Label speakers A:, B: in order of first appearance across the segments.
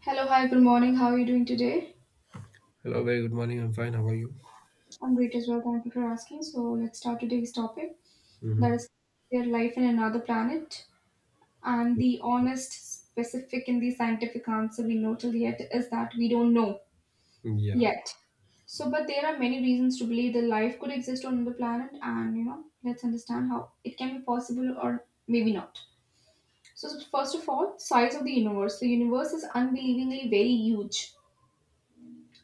A: Hello, hi, good morning. How are you doing today?
B: Hello, very good morning. I'm fine. How are you?
A: I'm great as well. Thank you for asking. So, let's start today's topic that
B: Mm-hmm.
A: is their life in another planet. And the honest, specific, and the scientific answer we know till yet is that we don't know
B: Yeah,
A: yet. So, but there are many reasons to believe that life could exist on another planet, and let's understand how it can be possible or maybe not. So, first of all, size of the universe. The universe is unbelievably very huge,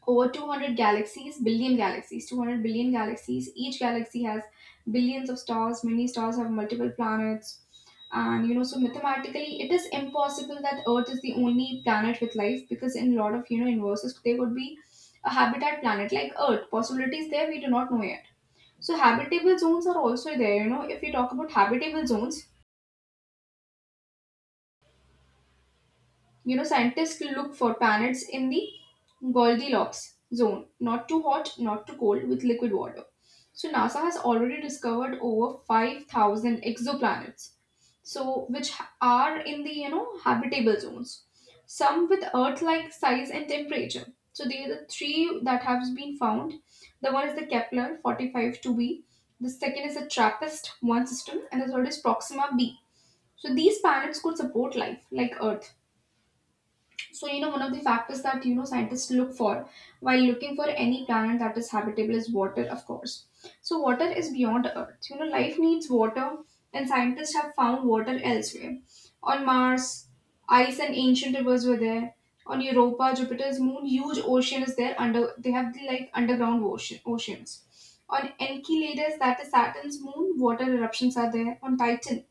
A: over 200 galaxies, billion galaxies, 200 billion galaxies. Each galaxy has billions of stars, many stars have multiple planets. And so mathematically, it is impossible that Earth is the only planet with life, because in a lot of universes, there would be a habitat planet like Earth. Possibilities there, we do not know yet. So habitable zones are also there. You know, if we talk about habitable zones, scientists look for planets in the Goldilocks zone, not too hot, not too cold, with liquid water. So NASA has already discovered over 5,000 exoplanets, so which are in the habitable zones, some with Earth-like size and temperature. So they are the three that have been found. The one is the Kepler 45-2b, the second is the TRAPPIST-1 system, and the third is Proxima b. So these planets could support life like Earth. So, one of the factors that, scientists look for while looking for any planet that is habitable is water, of course. So, water is beyond Earth. You know, life needs water, and scientists have found water elsewhere. On Mars, ice and ancient rivers were there. On Europa, Jupiter's moon, huge ocean is there. Under, they have the like underground oceans. On Enceladus, that is Saturn's moon, water eruptions are there. On Titan,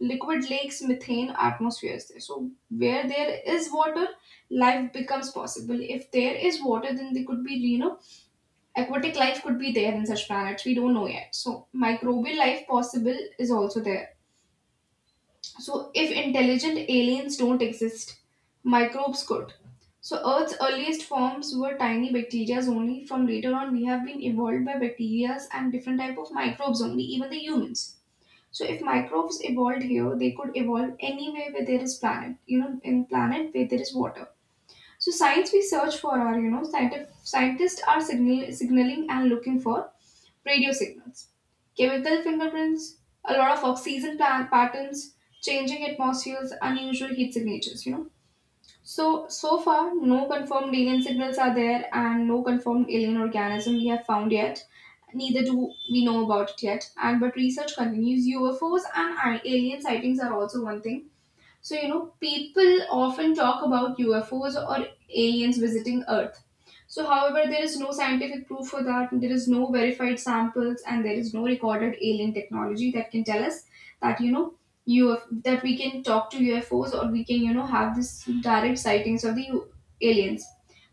A: liquid lakes, methane, atmospheres there. So where there is water, life becomes possible. If there is water, then there could be, aquatic life could be there in such planets. We don't know yet. So microbial life possible is also there. So if intelligent aliens don't exist, microbes could. So Earth's earliest forms were tiny bacteria only. From later on, we have been evolved by bacteria and different type of microbes only, even the humans. So if microbes evolved here, they could evolve anywhere where there is planet, in planet where there is water. So signs we search for are, scientific, scientists are signaling and looking for radio signals, chemical fingerprints, a lot of oxygen plant patterns, changing atmospheres, unusual heat signatures. So, so far, no confirmed alien signals are there and no confirmed alien organism we have found yet. Neither do we know about it yet. And but research continues. UFOs and alien sightings are also one thing, so, people often talk about UFOs or aliens visiting Earth. So, however, there is no scientific proof for that, there is no verified samples, and there is no recorded alien technology that can tell us that, that we can talk to UFOs or we can, have this direct sightings of the aliens.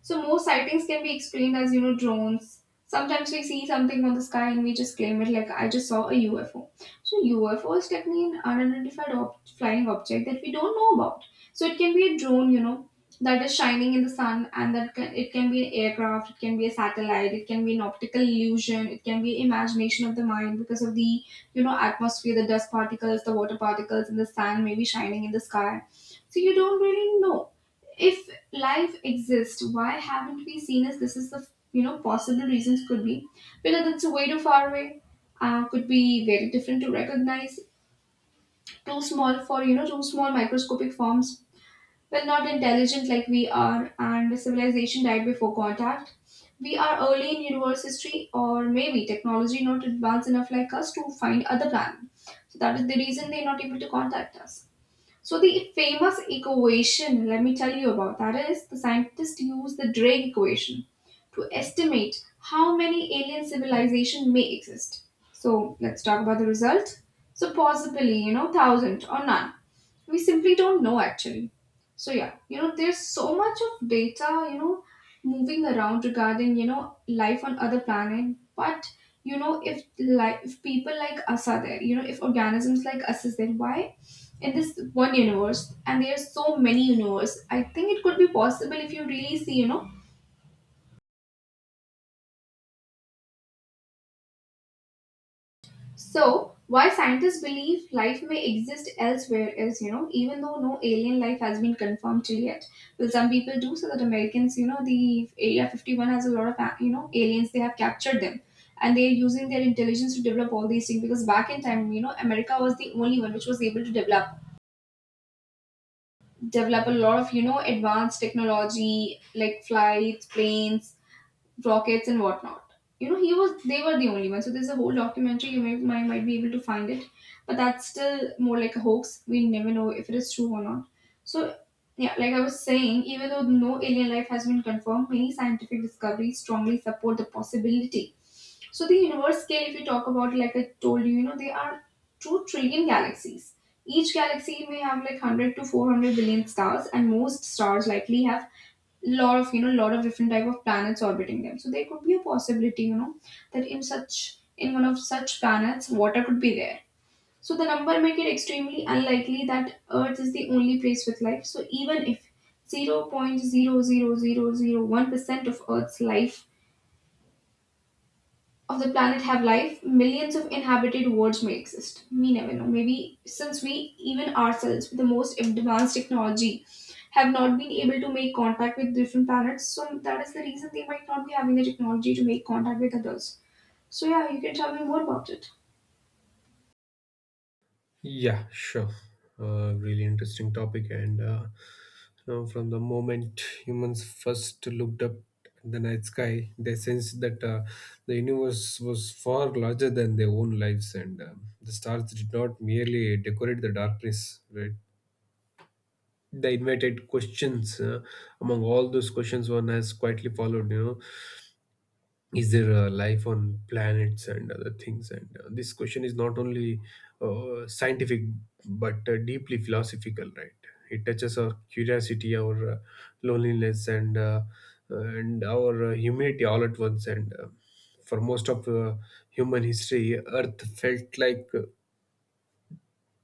A: So, most sightings can be explained as, drones. Sometimes we see something on the sky and we just claim it like, I just saw a UFO. So UFOs technically an unidentified flying object that we don't know about. So it can be a drone, that is shining in the sun, and it can be an aircraft, it can be a satellite, it can be an optical illusion, it can be imagination of the mind because of the atmosphere, the dust particles, the water particles, and the sand maybe shining in the sky. So you don't really know if life exists. Why haven't we seen? As this is the possible reasons could be because it's way too far away, could be very different to recognize. Too small for, too small microscopic forms. Well, not intelligent like we are, and civilization died before contact. We are early in universe history, or maybe technology not advanced enough like us to find other planets. So that is the reason they're not able to contact us. So the famous equation, let me tell you about that, is the scientists use the Drake equation to estimate how many alien civilization may exist. So let's talk about the result. So possibly, thousand or none, we simply don't know, actually. So yeah, there's so much of data moving around regarding life on other planet, but if people like us are there, if organisms like us is there, why in this one universe? And there's so many universe, I think it could be possible if you really see. So, why scientists believe life may exist elsewhere is, even though no alien life has been confirmed till yet. Well, some people do so that Americans, the Area 51 has a lot of, aliens, they have captured them. And they're using their intelligence to develop all these things because back in time, America was the only one which was able to develop a lot of, advanced technology like flights, planes, rockets and whatnot. You know, he was they were the only one. So there's a whole documentary you may, might be able to find it, but that's still more like a hoax. We never know if it is true or not. So yeah, like I was saying, even though no alien life has been confirmed, many scientific discoveries strongly support the possibility. So the universe scale, if you talk about, like I told you, there are 2 trillion galaxies. Each galaxy may have like 100 to 400 billion stars, and most stars likely have lot of different type of planets orbiting them. So there could be a possibility, that in one of such planets, water could be there. So the number make it extremely unlikely that Earth is the only place with life. So even if 0.00001% of Earth's life of the planet have life, millions of inhabited worlds may exist. We never know. Maybe since we, even ourselves, with the most advanced technology, have not been able to make contact with different planets, so that is the reason they might not be having the technology to make contact with others. So, yeah, you can tell me more about it.
B: yeah, sure. Really interesting topic. And from the moment humans first looked up at the night sky, they sensed that the universe was far larger than their own lives, and the stars did not merely decorate the darkness, right? They invited questions. Among all those questions, one has quietly followed. Is there life on planets and other things, and this question is not only scientific but deeply philosophical, right? It touches our curiosity, our loneliness, and our humanity all at once. And for most of human history, Earth felt like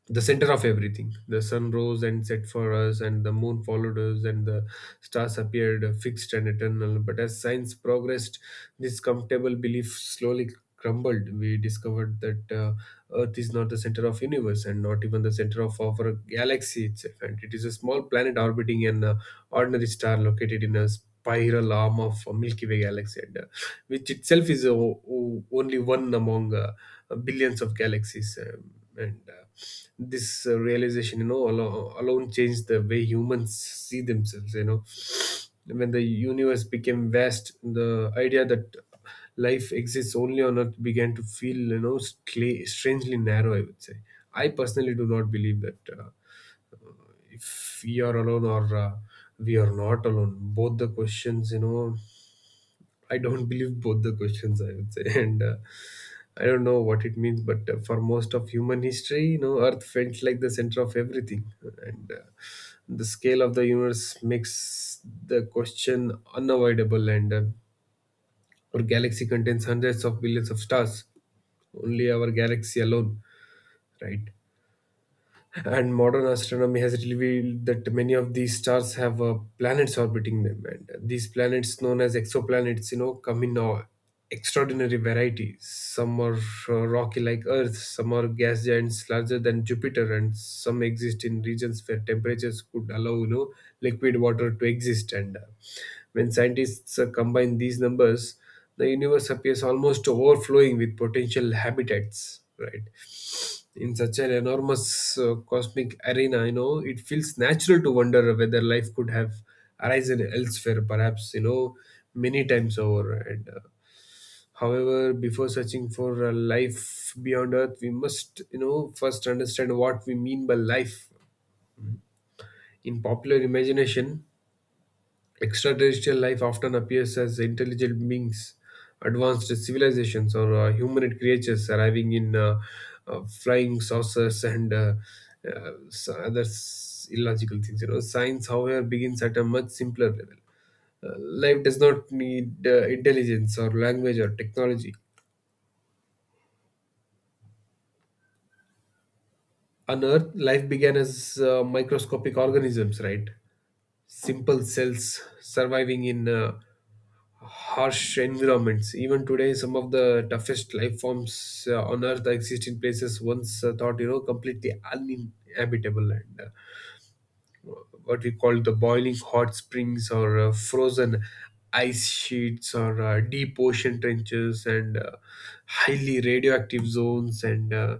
B: the center of everything. The sun rose and set for us, and the moon followed us, and the stars appeared fixed and eternal. But as science progressed, this comfortable belief slowly crumbled. We discovered that Earth is not the center of universe, and not even the center of our galaxy itself. And it is a small planet orbiting an ordinary star located in a spiral arm of a Milky Way galaxy, and, which itself is only one among billions of galaxies. And this realization alone changed the way humans see themselves. When the universe became vast, the idea that life exists only on Earth began to feel strangely narrow, I would say. I personally do not believe that if we are alone or we are not alone, both the questions, I don't believe both the questions, I would say. And I don't know what it means, but for most of human history, Earth felt like the center of everything. And the scale of the universe makes the question unavoidable. And our galaxy contains hundreds of billions of stars, only our galaxy alone, right? And modern astronomy has revealed that many of these stars have planets orbiting them, and these planets, known as exoplanets, come in extraordinary varieties. Some are rocky like Earth, some are gas giants larger than Jupiter, and some exist in regions where temperatures could allow, liquid water to exist. And when scientists combine these numbers, the universe appears almost overflowing with potential habitats, right? In such an enormous cosmic arena, it feels natural to wonder whether life could have arisen elsewhere, perhaps, many times over. And however, before searching for a life beyond Earth, we must, first understand what we mean by life. In popular imagination, extraterrestrial life often appears as intelligent beings, advanced civilizations, or humanoid creatures arriving in flying saucers and illogical things. Science, however, begins at a much simpler level. Life does not need intelligence or language or technology. On Earth, life began as microscopic organisms, right? Simple cells surviving in harsh environments. Even today, some of the toughest life forms on Earth exist in places once thought, completely uninhabitable. And what we call the boiling hot springs, or frozen ice sheets, or deep ocean trenches, and highly radioactive zones, and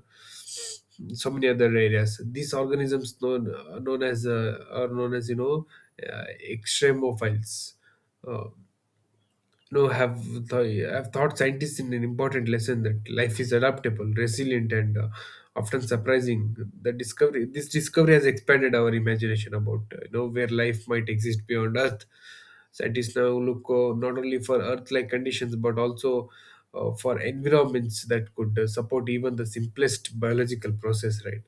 B: so many other areas. These organisms, known known as are known as uh, extremophiles. Uh, no, have th- I've taught scientists in an important lesson that life is adaptable, resilient, and often surprising. This discovery has expanded our imagination about where life might exist beyond Earth. Scientists now look not only for Earth-like conditions but also for environments that could support even the simplest biological process, right?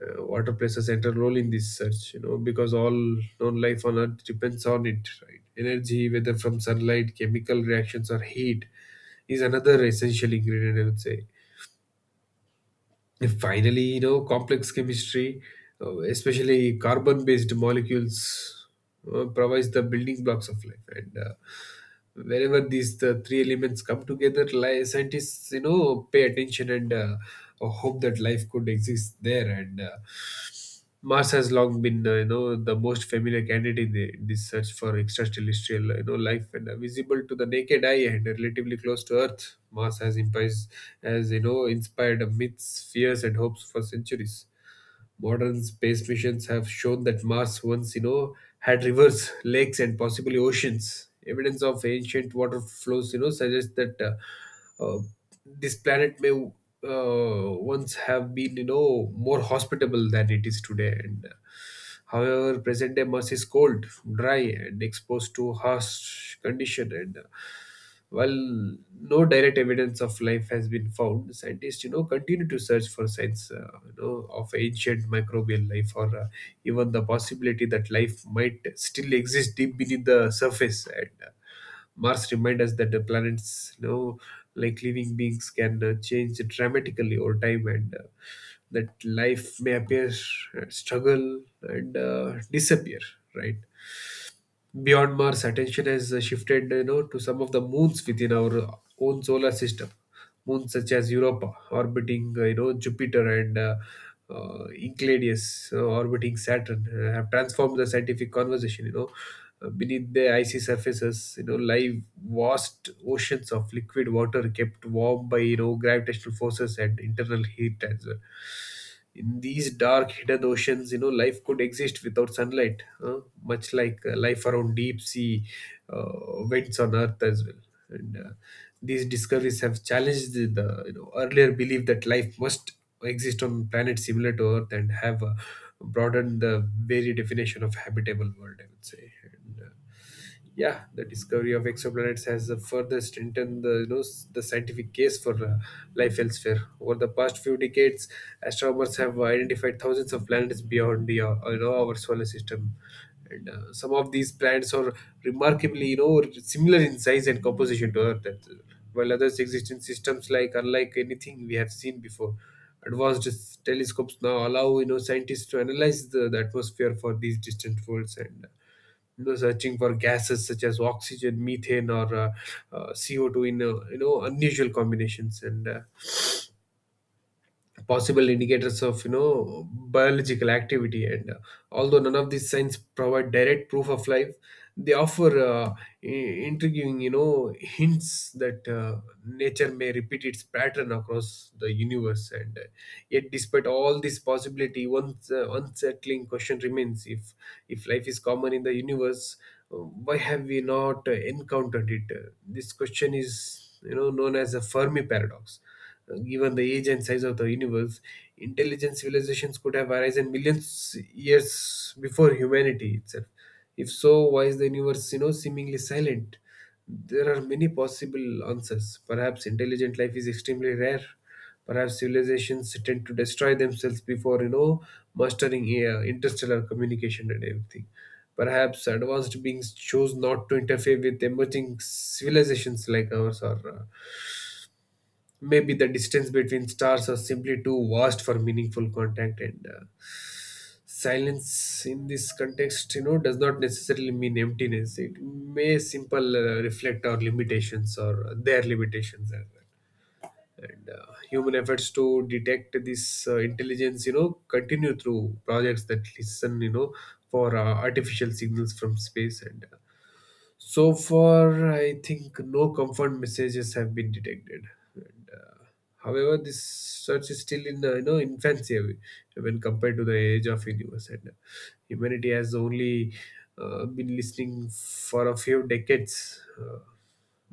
B: Water plays a central role in this search, because all known life on Earth depends on it, right? Energy, whether from sunlight, chemical reactions, or heat, is another essential ingredient, I would say. And finally, complex chemistry, especially carbon based molecules, provides the building blocks of life. And whenever these the three elements come together, scientists, pay attention and hope that life could exist there. And Mars has long been, the most familiar candidate in this search for extraterrestrial, life. And visible to the naked eye and relatively close to Earth, Mars has inspired myths, fears, and hopes for centuries. Modern space missions have shown that Mars once, had rivers, lakes, and possibly oceans. Evidence of ancient water flows, suggests that uh, uh, this planet may once have been, more hospitable than it is today. And however, present day Mars is cold, dry, and exposed to harsh condition. And while no direct evidence of life has been found, scientists, continue to search for signs, of ancient microbial life, or even the possibility that life might still exist deep beneath the surface. And Mars reminds us that the planets, like living beings, can change dramatically over time, and that life may appear, struggle, and disappear, right? Beyond Mars, attention has shifted, to some of the moons within our own solar system. Moons such as Europa orbiting Jupiter, and Enceladus orbiting Saturn, have transformed the scientific conversation. Beneath the icy surfaces, lie vast oceans of liquid water kept warm by gravitational forces and internal heat as well. In these dark hidden oceans, life could exist without sunlight, much like life around deep sea vents on Earth as well. And these discoveries have challenged the earlier belief that life must exist on planets similar to Earth, and have broadened the very definition of habitable world, I would say. And yeah, the discovery of exoplanets has further strengthened the you know s- the scientific case for life elsewhere. Over the past few decades, astronomers have identified thousands of planets beyond the our solar system. And some of these planets are remarkably, similar in size and composition to Earth, that, while others exist in systems like unlike anything we have seen before. Advanced telescopes now allow scientists to analyze the atmosphere for these distant worlds, and searching for gases such as oxygen, methane, or CO2 in unusual combinations. And possible indicators of biological activity. And although none of these signs provide direct proof of life, they offer intriguing hints that nature may repeat its pattern across the universe. And yet despite all this possibility, one unsettling question remains: if life is common in the universe, why have we not encountered it? This question is known as the Fermi paradox. Given the age and size of the universe, intelligent civilizations could have arisen millions years before humanity itself. If so, why is the universe, seemingly silent? There are many possible answers. Perhaps intelligent life is extremely rare. Perhaps civilizations tend to destroy themselves before, mastering interstellar communication and everything. Perhaps advanced beings chose not to interfere with emerging civilizations like ours, or maybe the distance between stars are simply too vast for meaningful contact. And silence in this context, does not necessarily mean emptiness. It may simple reflect our limitations or their limitations as well. And human efforts to detect this intelligence, continue through projects that listen, for artificial signals from space. And so far, I think no comfort messages have been detected. And, uh, However, this search is still in infancy when compared to the age of universe. And humanity has only been listening for a few decades.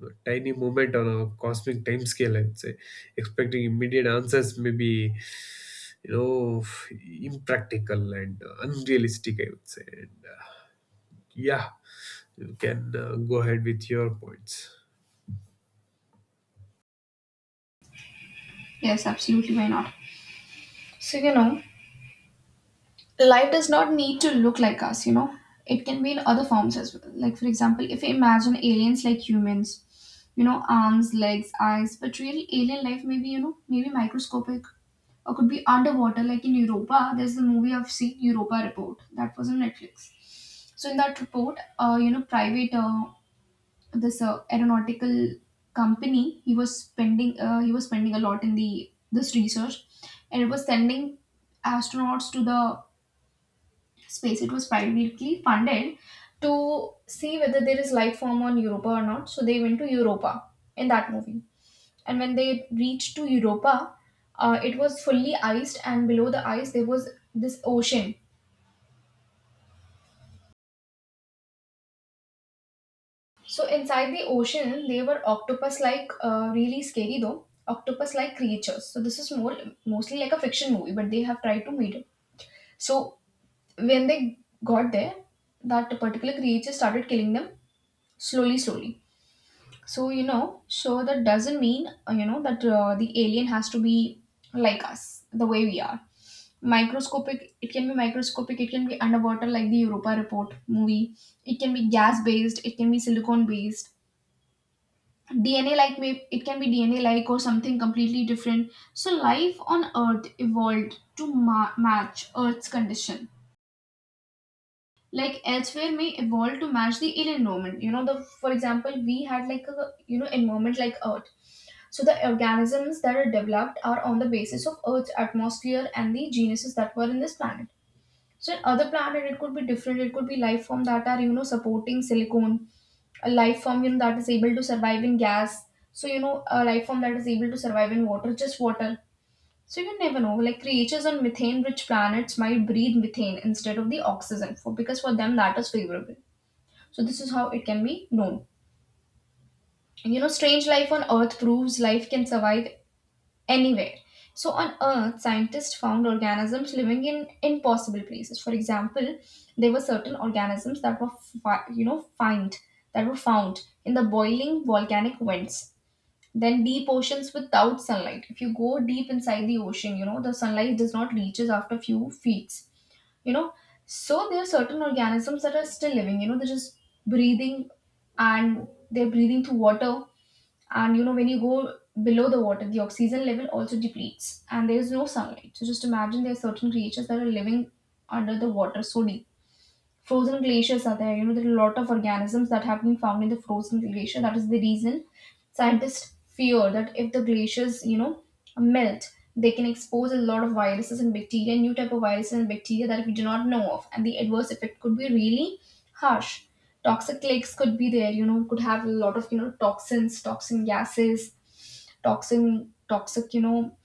B: A tiny moment on a cosmic time scale, I'd say. Expecting immediate answers may be, you know, impractical and unrealistic, I would say. And yeah, you can go ahead with your points.
A: Yes, absolutely. Why not? So, life does not need to look like us. It can be in other forms as well. Like, for example, if we imagine aliens like humans, arms, legs, eyes, but real alien life may be, maybe microscopic or could be underwater, like in Europa. There's the movie I've seen, Europa Report, that was on Netflix. So, in that report, private, this aeronautical company, he was spending a lot in the this research, and it was sending astronauts to the space. It was privately funded to see whether there is life form on Europa or not. So they went to Europa in that movie. And when they reached to Europa, it was fully iced, and below the ice there was this ocean. So inside the ocean, they were octopus-like, really scary though, octopus-like creatures. So this is more mostly like a fiction movie, but they have tried to meet it. So when they got there, that particular creature started killing them slowly, slowly. So, that doesn't mean, that the alien has to be like us, the way we are. Microscopic, it can be microscopic, it can be underwater, like the Europa Report movie. It can be gas based, it can be silicon based. DNA like, it can be DNA like or something completely different. So, life on Earth evolved to match Earth's condition. Like elsewhere may evolve to match the alien environment. You know, the for example, we had like a environment like Earth. So the organisms that are developed are on the basis of Earth's atmosphere and the genuses that were in this planet. So in other planet, it could be different. It could be life form that are supporting silicon, a life form that is able to survive in gas. So a life form that is able to survive in water, just water. So you never know. Like creatures on methane-rich planets might breathe methane instead of the oxygen, for them that is favorable. So this is how it can be known. Strange life on Earth proves life can survive anywhere. So on Earth, scientists found organisms living in impossible places. For example, there were certain organisms that were, fi- you know, find that were found in the boiling volcanic vents, then deep oceans without sunlight. If you go deep inside the ocean, you know the sunlight does not reaches after few feet. You know, so there are certain organisms that are still living. They're just breathing, and they're breathing through water, and when you go below the water, the oxygen level also depletes and there is no sunlight. So just imagine, there are certain creatures that are living under the water so deep. Frozen glaciers are there. There are a lot of organisms that have been found in the frozen glacier. That is the reason scientists fear that if the glaciers, melt, they can expose a lot of viruses and bacteria, new type of viruses and bacteria that we do not know of, and the adverse effect could be really harsh. Toxic lakes could be there, could have a lot of, toxins, toxin gases, toxin toxic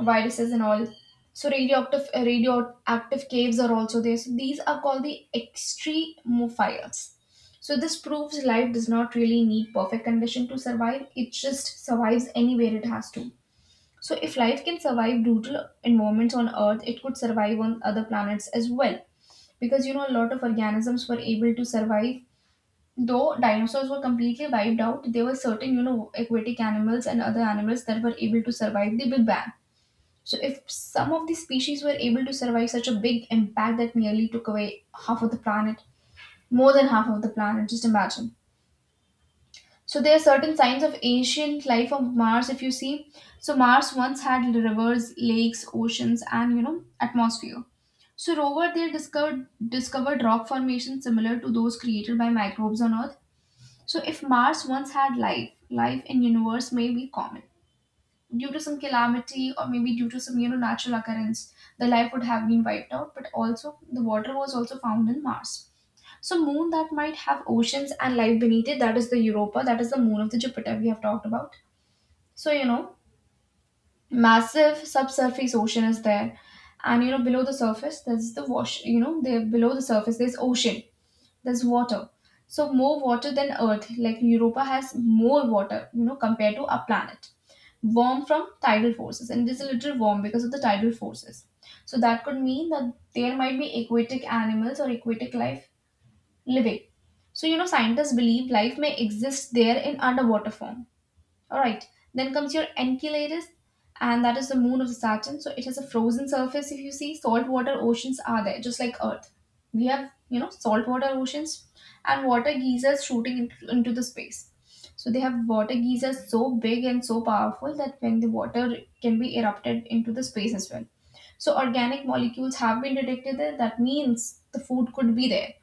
A: viruses and all. So radioactive radioactive caves are also there. So these are called the extremophiles. So this proves life does not really need perfect condition to survive, it just survives anywhere it has to. So if life can survive brutal environments on Earth, it could survive on other planets as well, because a lot of organisms were able to survive. Though dinosaurs were completely wiped out, there were certain, aquatic animals and other animals that were able to survive the Big Bang. So, if some of the species were able to survive such a big impact that nearly took away half of the planet, more than half of the planet, just imagine. So, there are certain signs of ancient life on Mars, if you see. So, Mars once had rivers, lakes, oceans, and, atmosphere. So, rover there discovered rock formations similar to those created by microbes on Earth. So if Mars once had life, life in universe may be common. Due to some calamity or maybe due to some natural occurrence, the life would have been wiped out, but also the water was also found in Mars. So moon that might have oceans and life beneath it, that is the Europa, that is the moon of the Jupiter we have talked about. So massive subsurface ocean is there. And below the surface there's there below the surface there's ocean, there's water. So more water than Earth, like Europa has more water, compared to our planet. Warm from tidal forces, and it is a little warm because of the tidal forces. So that could mean that there might be aquatic animals or aquatic life living. So scientists believe life may exist there in underwater form. All right. Then comes your Enceladus, and that is the moon of the Saturn. So it has a frozen surface. If you see, saltwater oceans are there, just like Earth. We have, saltwater oceans and water geysers shooting into the space. So they have water geysers so big and so powerful that when the water can be erupted into the space as well. So organic molecules have been detected there. That means the food could be there.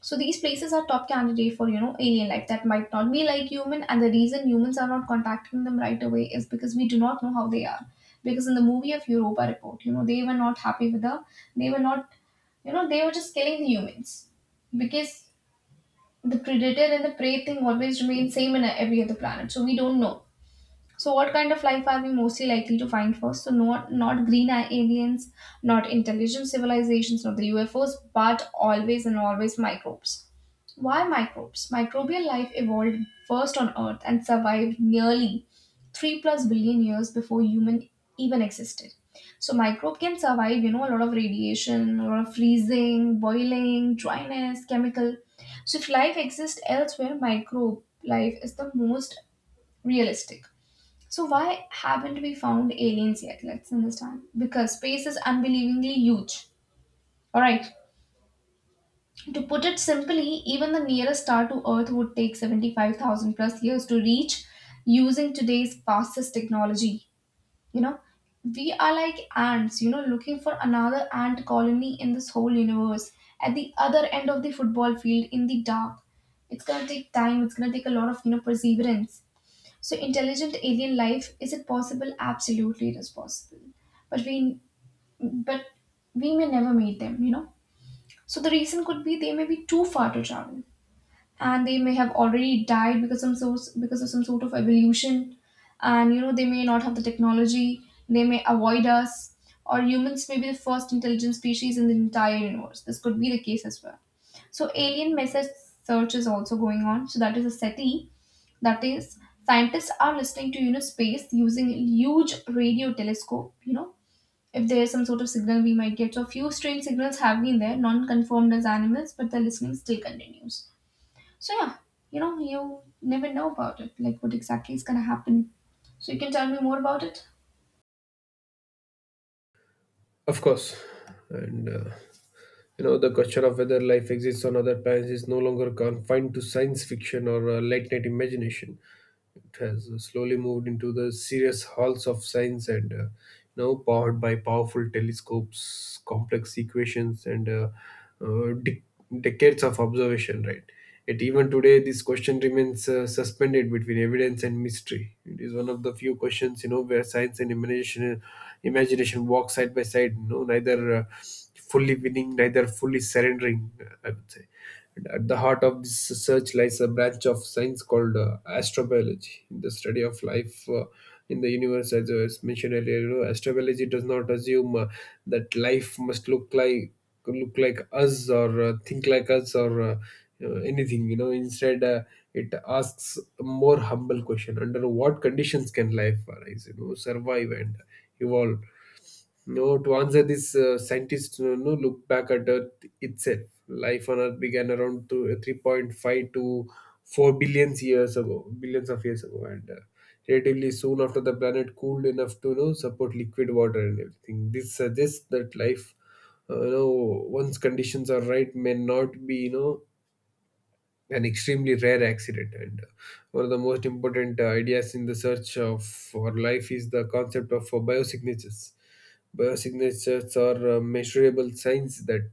A: So these places are top candidate for alien life that might not be like human, and the reason humans are not contacting them right away is because we do not know how they are. Because in the movie of Europa Report, they were not happy with the, they were not, they were just killing the humans, because the predator and the prey thing always remains same in every other planet. So we don't know. So, what kind of life are we mostly likely to find first? So, not green aliens, not intelligent civilizations, not the UFOs, but always and always microbes. Why microbes? Microbial life evolved first on Earth and survived nearly three plus billion years before human even existed. So, microbe can survive, a lot of radiation, a lot of freezing, boiling, dryness, chemical. So, if life exists elsewhere, microbe life is the most realistic. So, why haven't we found aliens yet? Let's understand. Because space is unbelievably huge. Alright. To put it simply, even the nearest star to Earth would take 75,000 plus years to reach using today's fastest technology. You know, we are like ants, looking for another ant colony in this whole universe at the other end of the football field in the dark. It's gonna take time, it's gonna take a lot of, perseverance. So, intelligent alien life, is it possible? Absolutely, it is possible. But we, but we may never meet them. You know. So the reason could be they may be too far to travel, and they may have already died because some sort of evolution, and they may not have the technology, they may avoid us, or humans may be the first intelligent species in the entire universe. This could be the case as well. So alien message search is also going on. So that is a SETI. That is, scientists are listening to space using a huge radio telescope. If there is some sort of signal we might get. So a few strange signals have been there, non confirmed as animals, but the listening still continues. So yeah, you never know about it, like what exactly is gonna happen. So you can tell me more about it?
B: Of course. And the question of whether life exists on other planets is no longer confined to science fiction or late night imagination. It has slowly moved into the serious halls of science, and now powered by powerful telescopes, complex equations, and uh, de- decades of observation, right? Yet even today, this question remains suspended between evidence and mystery. It is one of the few questions, you know, where science and imagination walk side by side. You know, neither fully winning, neither fully surrendering, I would say. And at the heart of this research lies a branch of science called astrobiology, the study of life in the universe. As I was mentioned earlier, you know, astrobiology does not assume that life must look like us or think like us or anything. You know, instead it asks a more humble question: under what conditions can life arise? You know, survive and evolve. Hmm. No, to answer this, scientists, you know, look back at Earth itself. Life on Earth began around to 3.5 to 4 billions years ago, billions of years ago, and relatively soon after the planet cooled enough to, you know, support liquid water and everything. This suggests that life, you know, once conditions are right, may not be, you know, an extremely rare accident. And one of the most important ideas in the search of for life is the concept of biosignatures. Are measurable signs that,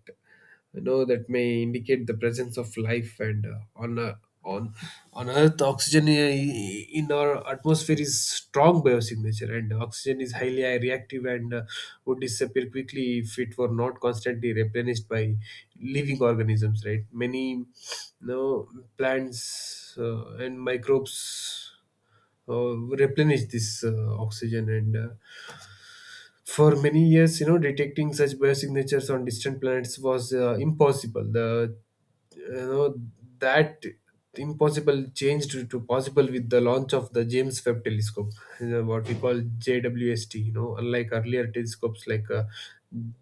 B: you know, that may indicate the presence of life. And on on earth, oxygen in our atmosphere is strong biosignature, and oxygen is highly reactive and would disappear quickly if it were not constantly replenished by living organisms, right? Many, you know, plants and microbes uh, replenish this oxygen. And for many years, you know, detecting such biosignatures on distant planets was impossible. The, you know, that impossible changed to possible with the launch of the James Webb Telescope, you know, what we call JWST. You know, unlike earlier telescopes like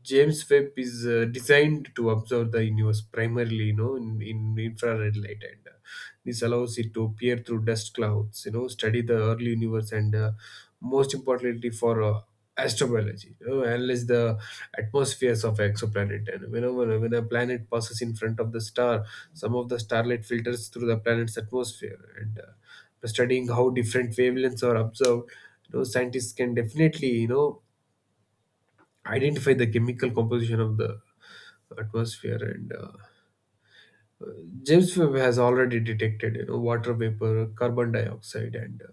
B: James Webb is designed to observe the universe primarily, you know, in infrared light, and this allows it to peer through dust clouds, you know, study the early universe, and most importantly for astrobiology, you know, analyze the atmospheres of exoplanet. And you know, when a planet passes in front of the star, some of the starlight filters through the planet's atmosphere, and by studying how different wavelengths are observed, you know, scientists can definitely, you know, identify the chemical composition of the atmosphere. And James Webb has already detected, you know, water vapor, carbon dioxide, and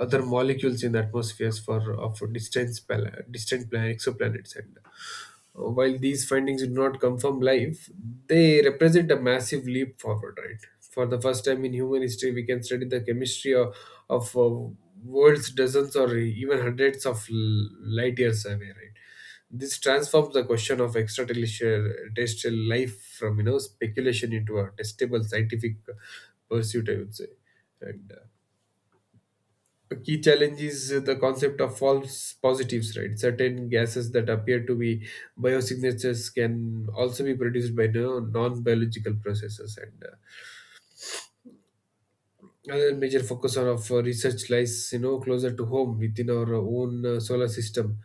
B: other molecules in the atmospheres for of distant pla- distant plan- exoplanets. And while these findings do not confirm life, they represent a massive leap forward, right? For the first time in human history, we can study the chemistry of worlds dozens or even hundreds of light years away, right? This transforms the question of extraterrestrial terrestrial life from, you know, speculation into a testable scientific pursuit, I would say. And a key challenge is the concept of false positives, right? Certain gases that appear to be biosignatures can also be produced by no, non-biological processes. And another major focus of research lies, you know, closer to home within our own solar system.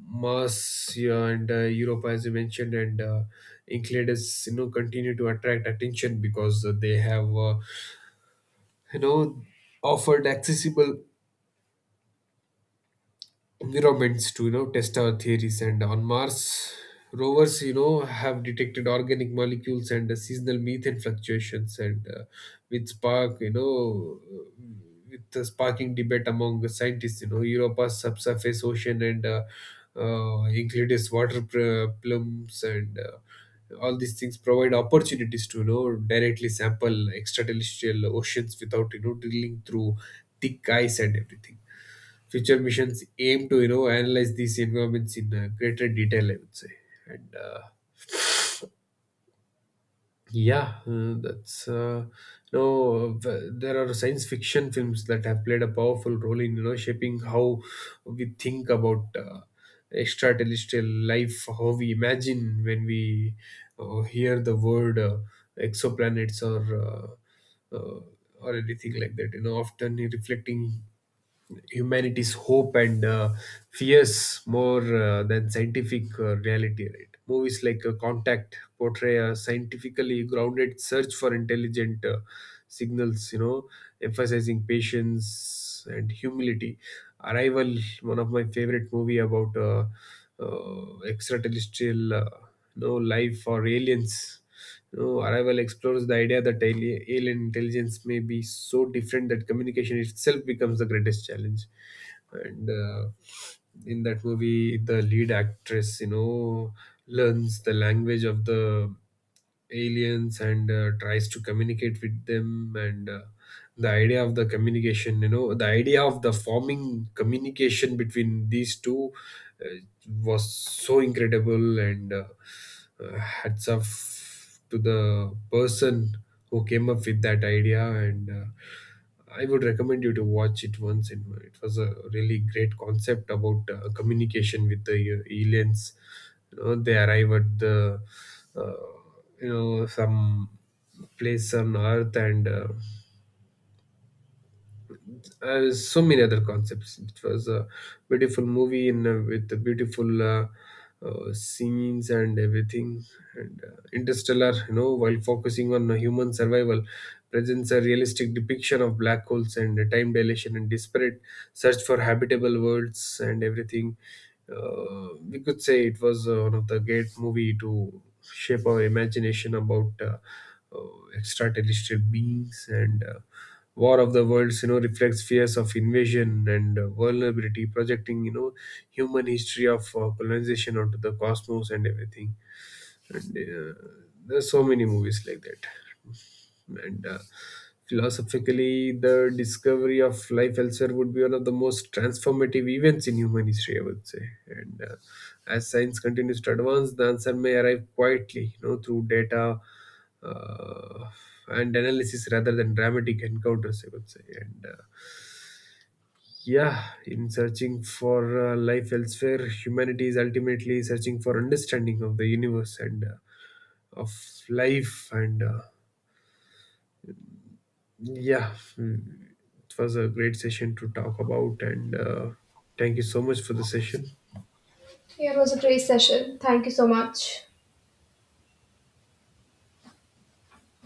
B: Mars, yeah, and Europe, as you mentioned, and Enceladus, you know, continue to attract attention because they have, you know, offered accessible environments to, you know, test our theories. And on Mars, rovers, you know, have detected organic molecules and seasonal methane fluctuations. And with spark you know with the sparking debate among the scientists, you know, Europa's subsurface ocean, and Euclid's plumes, and all these things provide opportunities to, you know, directly sample extraterrestrial oceans without, you know, drilling through thick ice and everything. Future missions aim to, you know, analyze these environments in greater detail, I would say. And yeah that's you know, there are science fiction films that have played a powerful role in, you know, shaping how we think about extraterrestrial life, how we imagine when we hear the word exoplanets uh, or anything like that, you know, often reflecting humanity's hope and fears more than scientific reality, right? Movies like Contact portray a scientifically grounded search for intelligent signals, you know, emphasizing patience and humility. Arrival, one of my favorite movie about extraterrestrial life or aliens, you know, Arrival explores the idea that alien intelligence may be so different that communication itself becomes the greatest challenge. And in that movie, the lead actress, you know, learns the language of the aliens and tries to communicate with them. And the idea of the communication, you know, the idea of the forming communication between these two uh, was so incredible. And hats off to the person who came up with that idea. And I would recommend you to watch it once. And it was a really great concept about communication with the aliens. You know, they arrive at the uh, some place on earth, and so many other concepts. It was a beautiful movie in with the beautiful scenes and everything. And Interstellar, you know, while focusing on human survival, presents a realistic depiction of black holes and the time dilation and disparate search for habitable worlds and everything. We could say it was one of the great movie to shape our imagination about uh, extraterrestrial beings. And War of the Worlds, you know, reflects fears of invasion and vulnerability, projecting, you know, human history of colonization onto the cosmos and everything. And there's so many movies like that. And philosophically, the discovery of life elsewhere would be one of the most transformative events in human history, I would say. And as science continues to advance, the answer may arrive quietly, you know, through data uh, and analysis rather than dramatic encounters, I would say. And yeah. In searching for life elsewhere, humanity is ultimately searching for understanding of the universe and of life. And yeah. Mm, it was a great session to talk about. And thank you so much for the session.
A: Yeah, it was a great session. Thank you so much.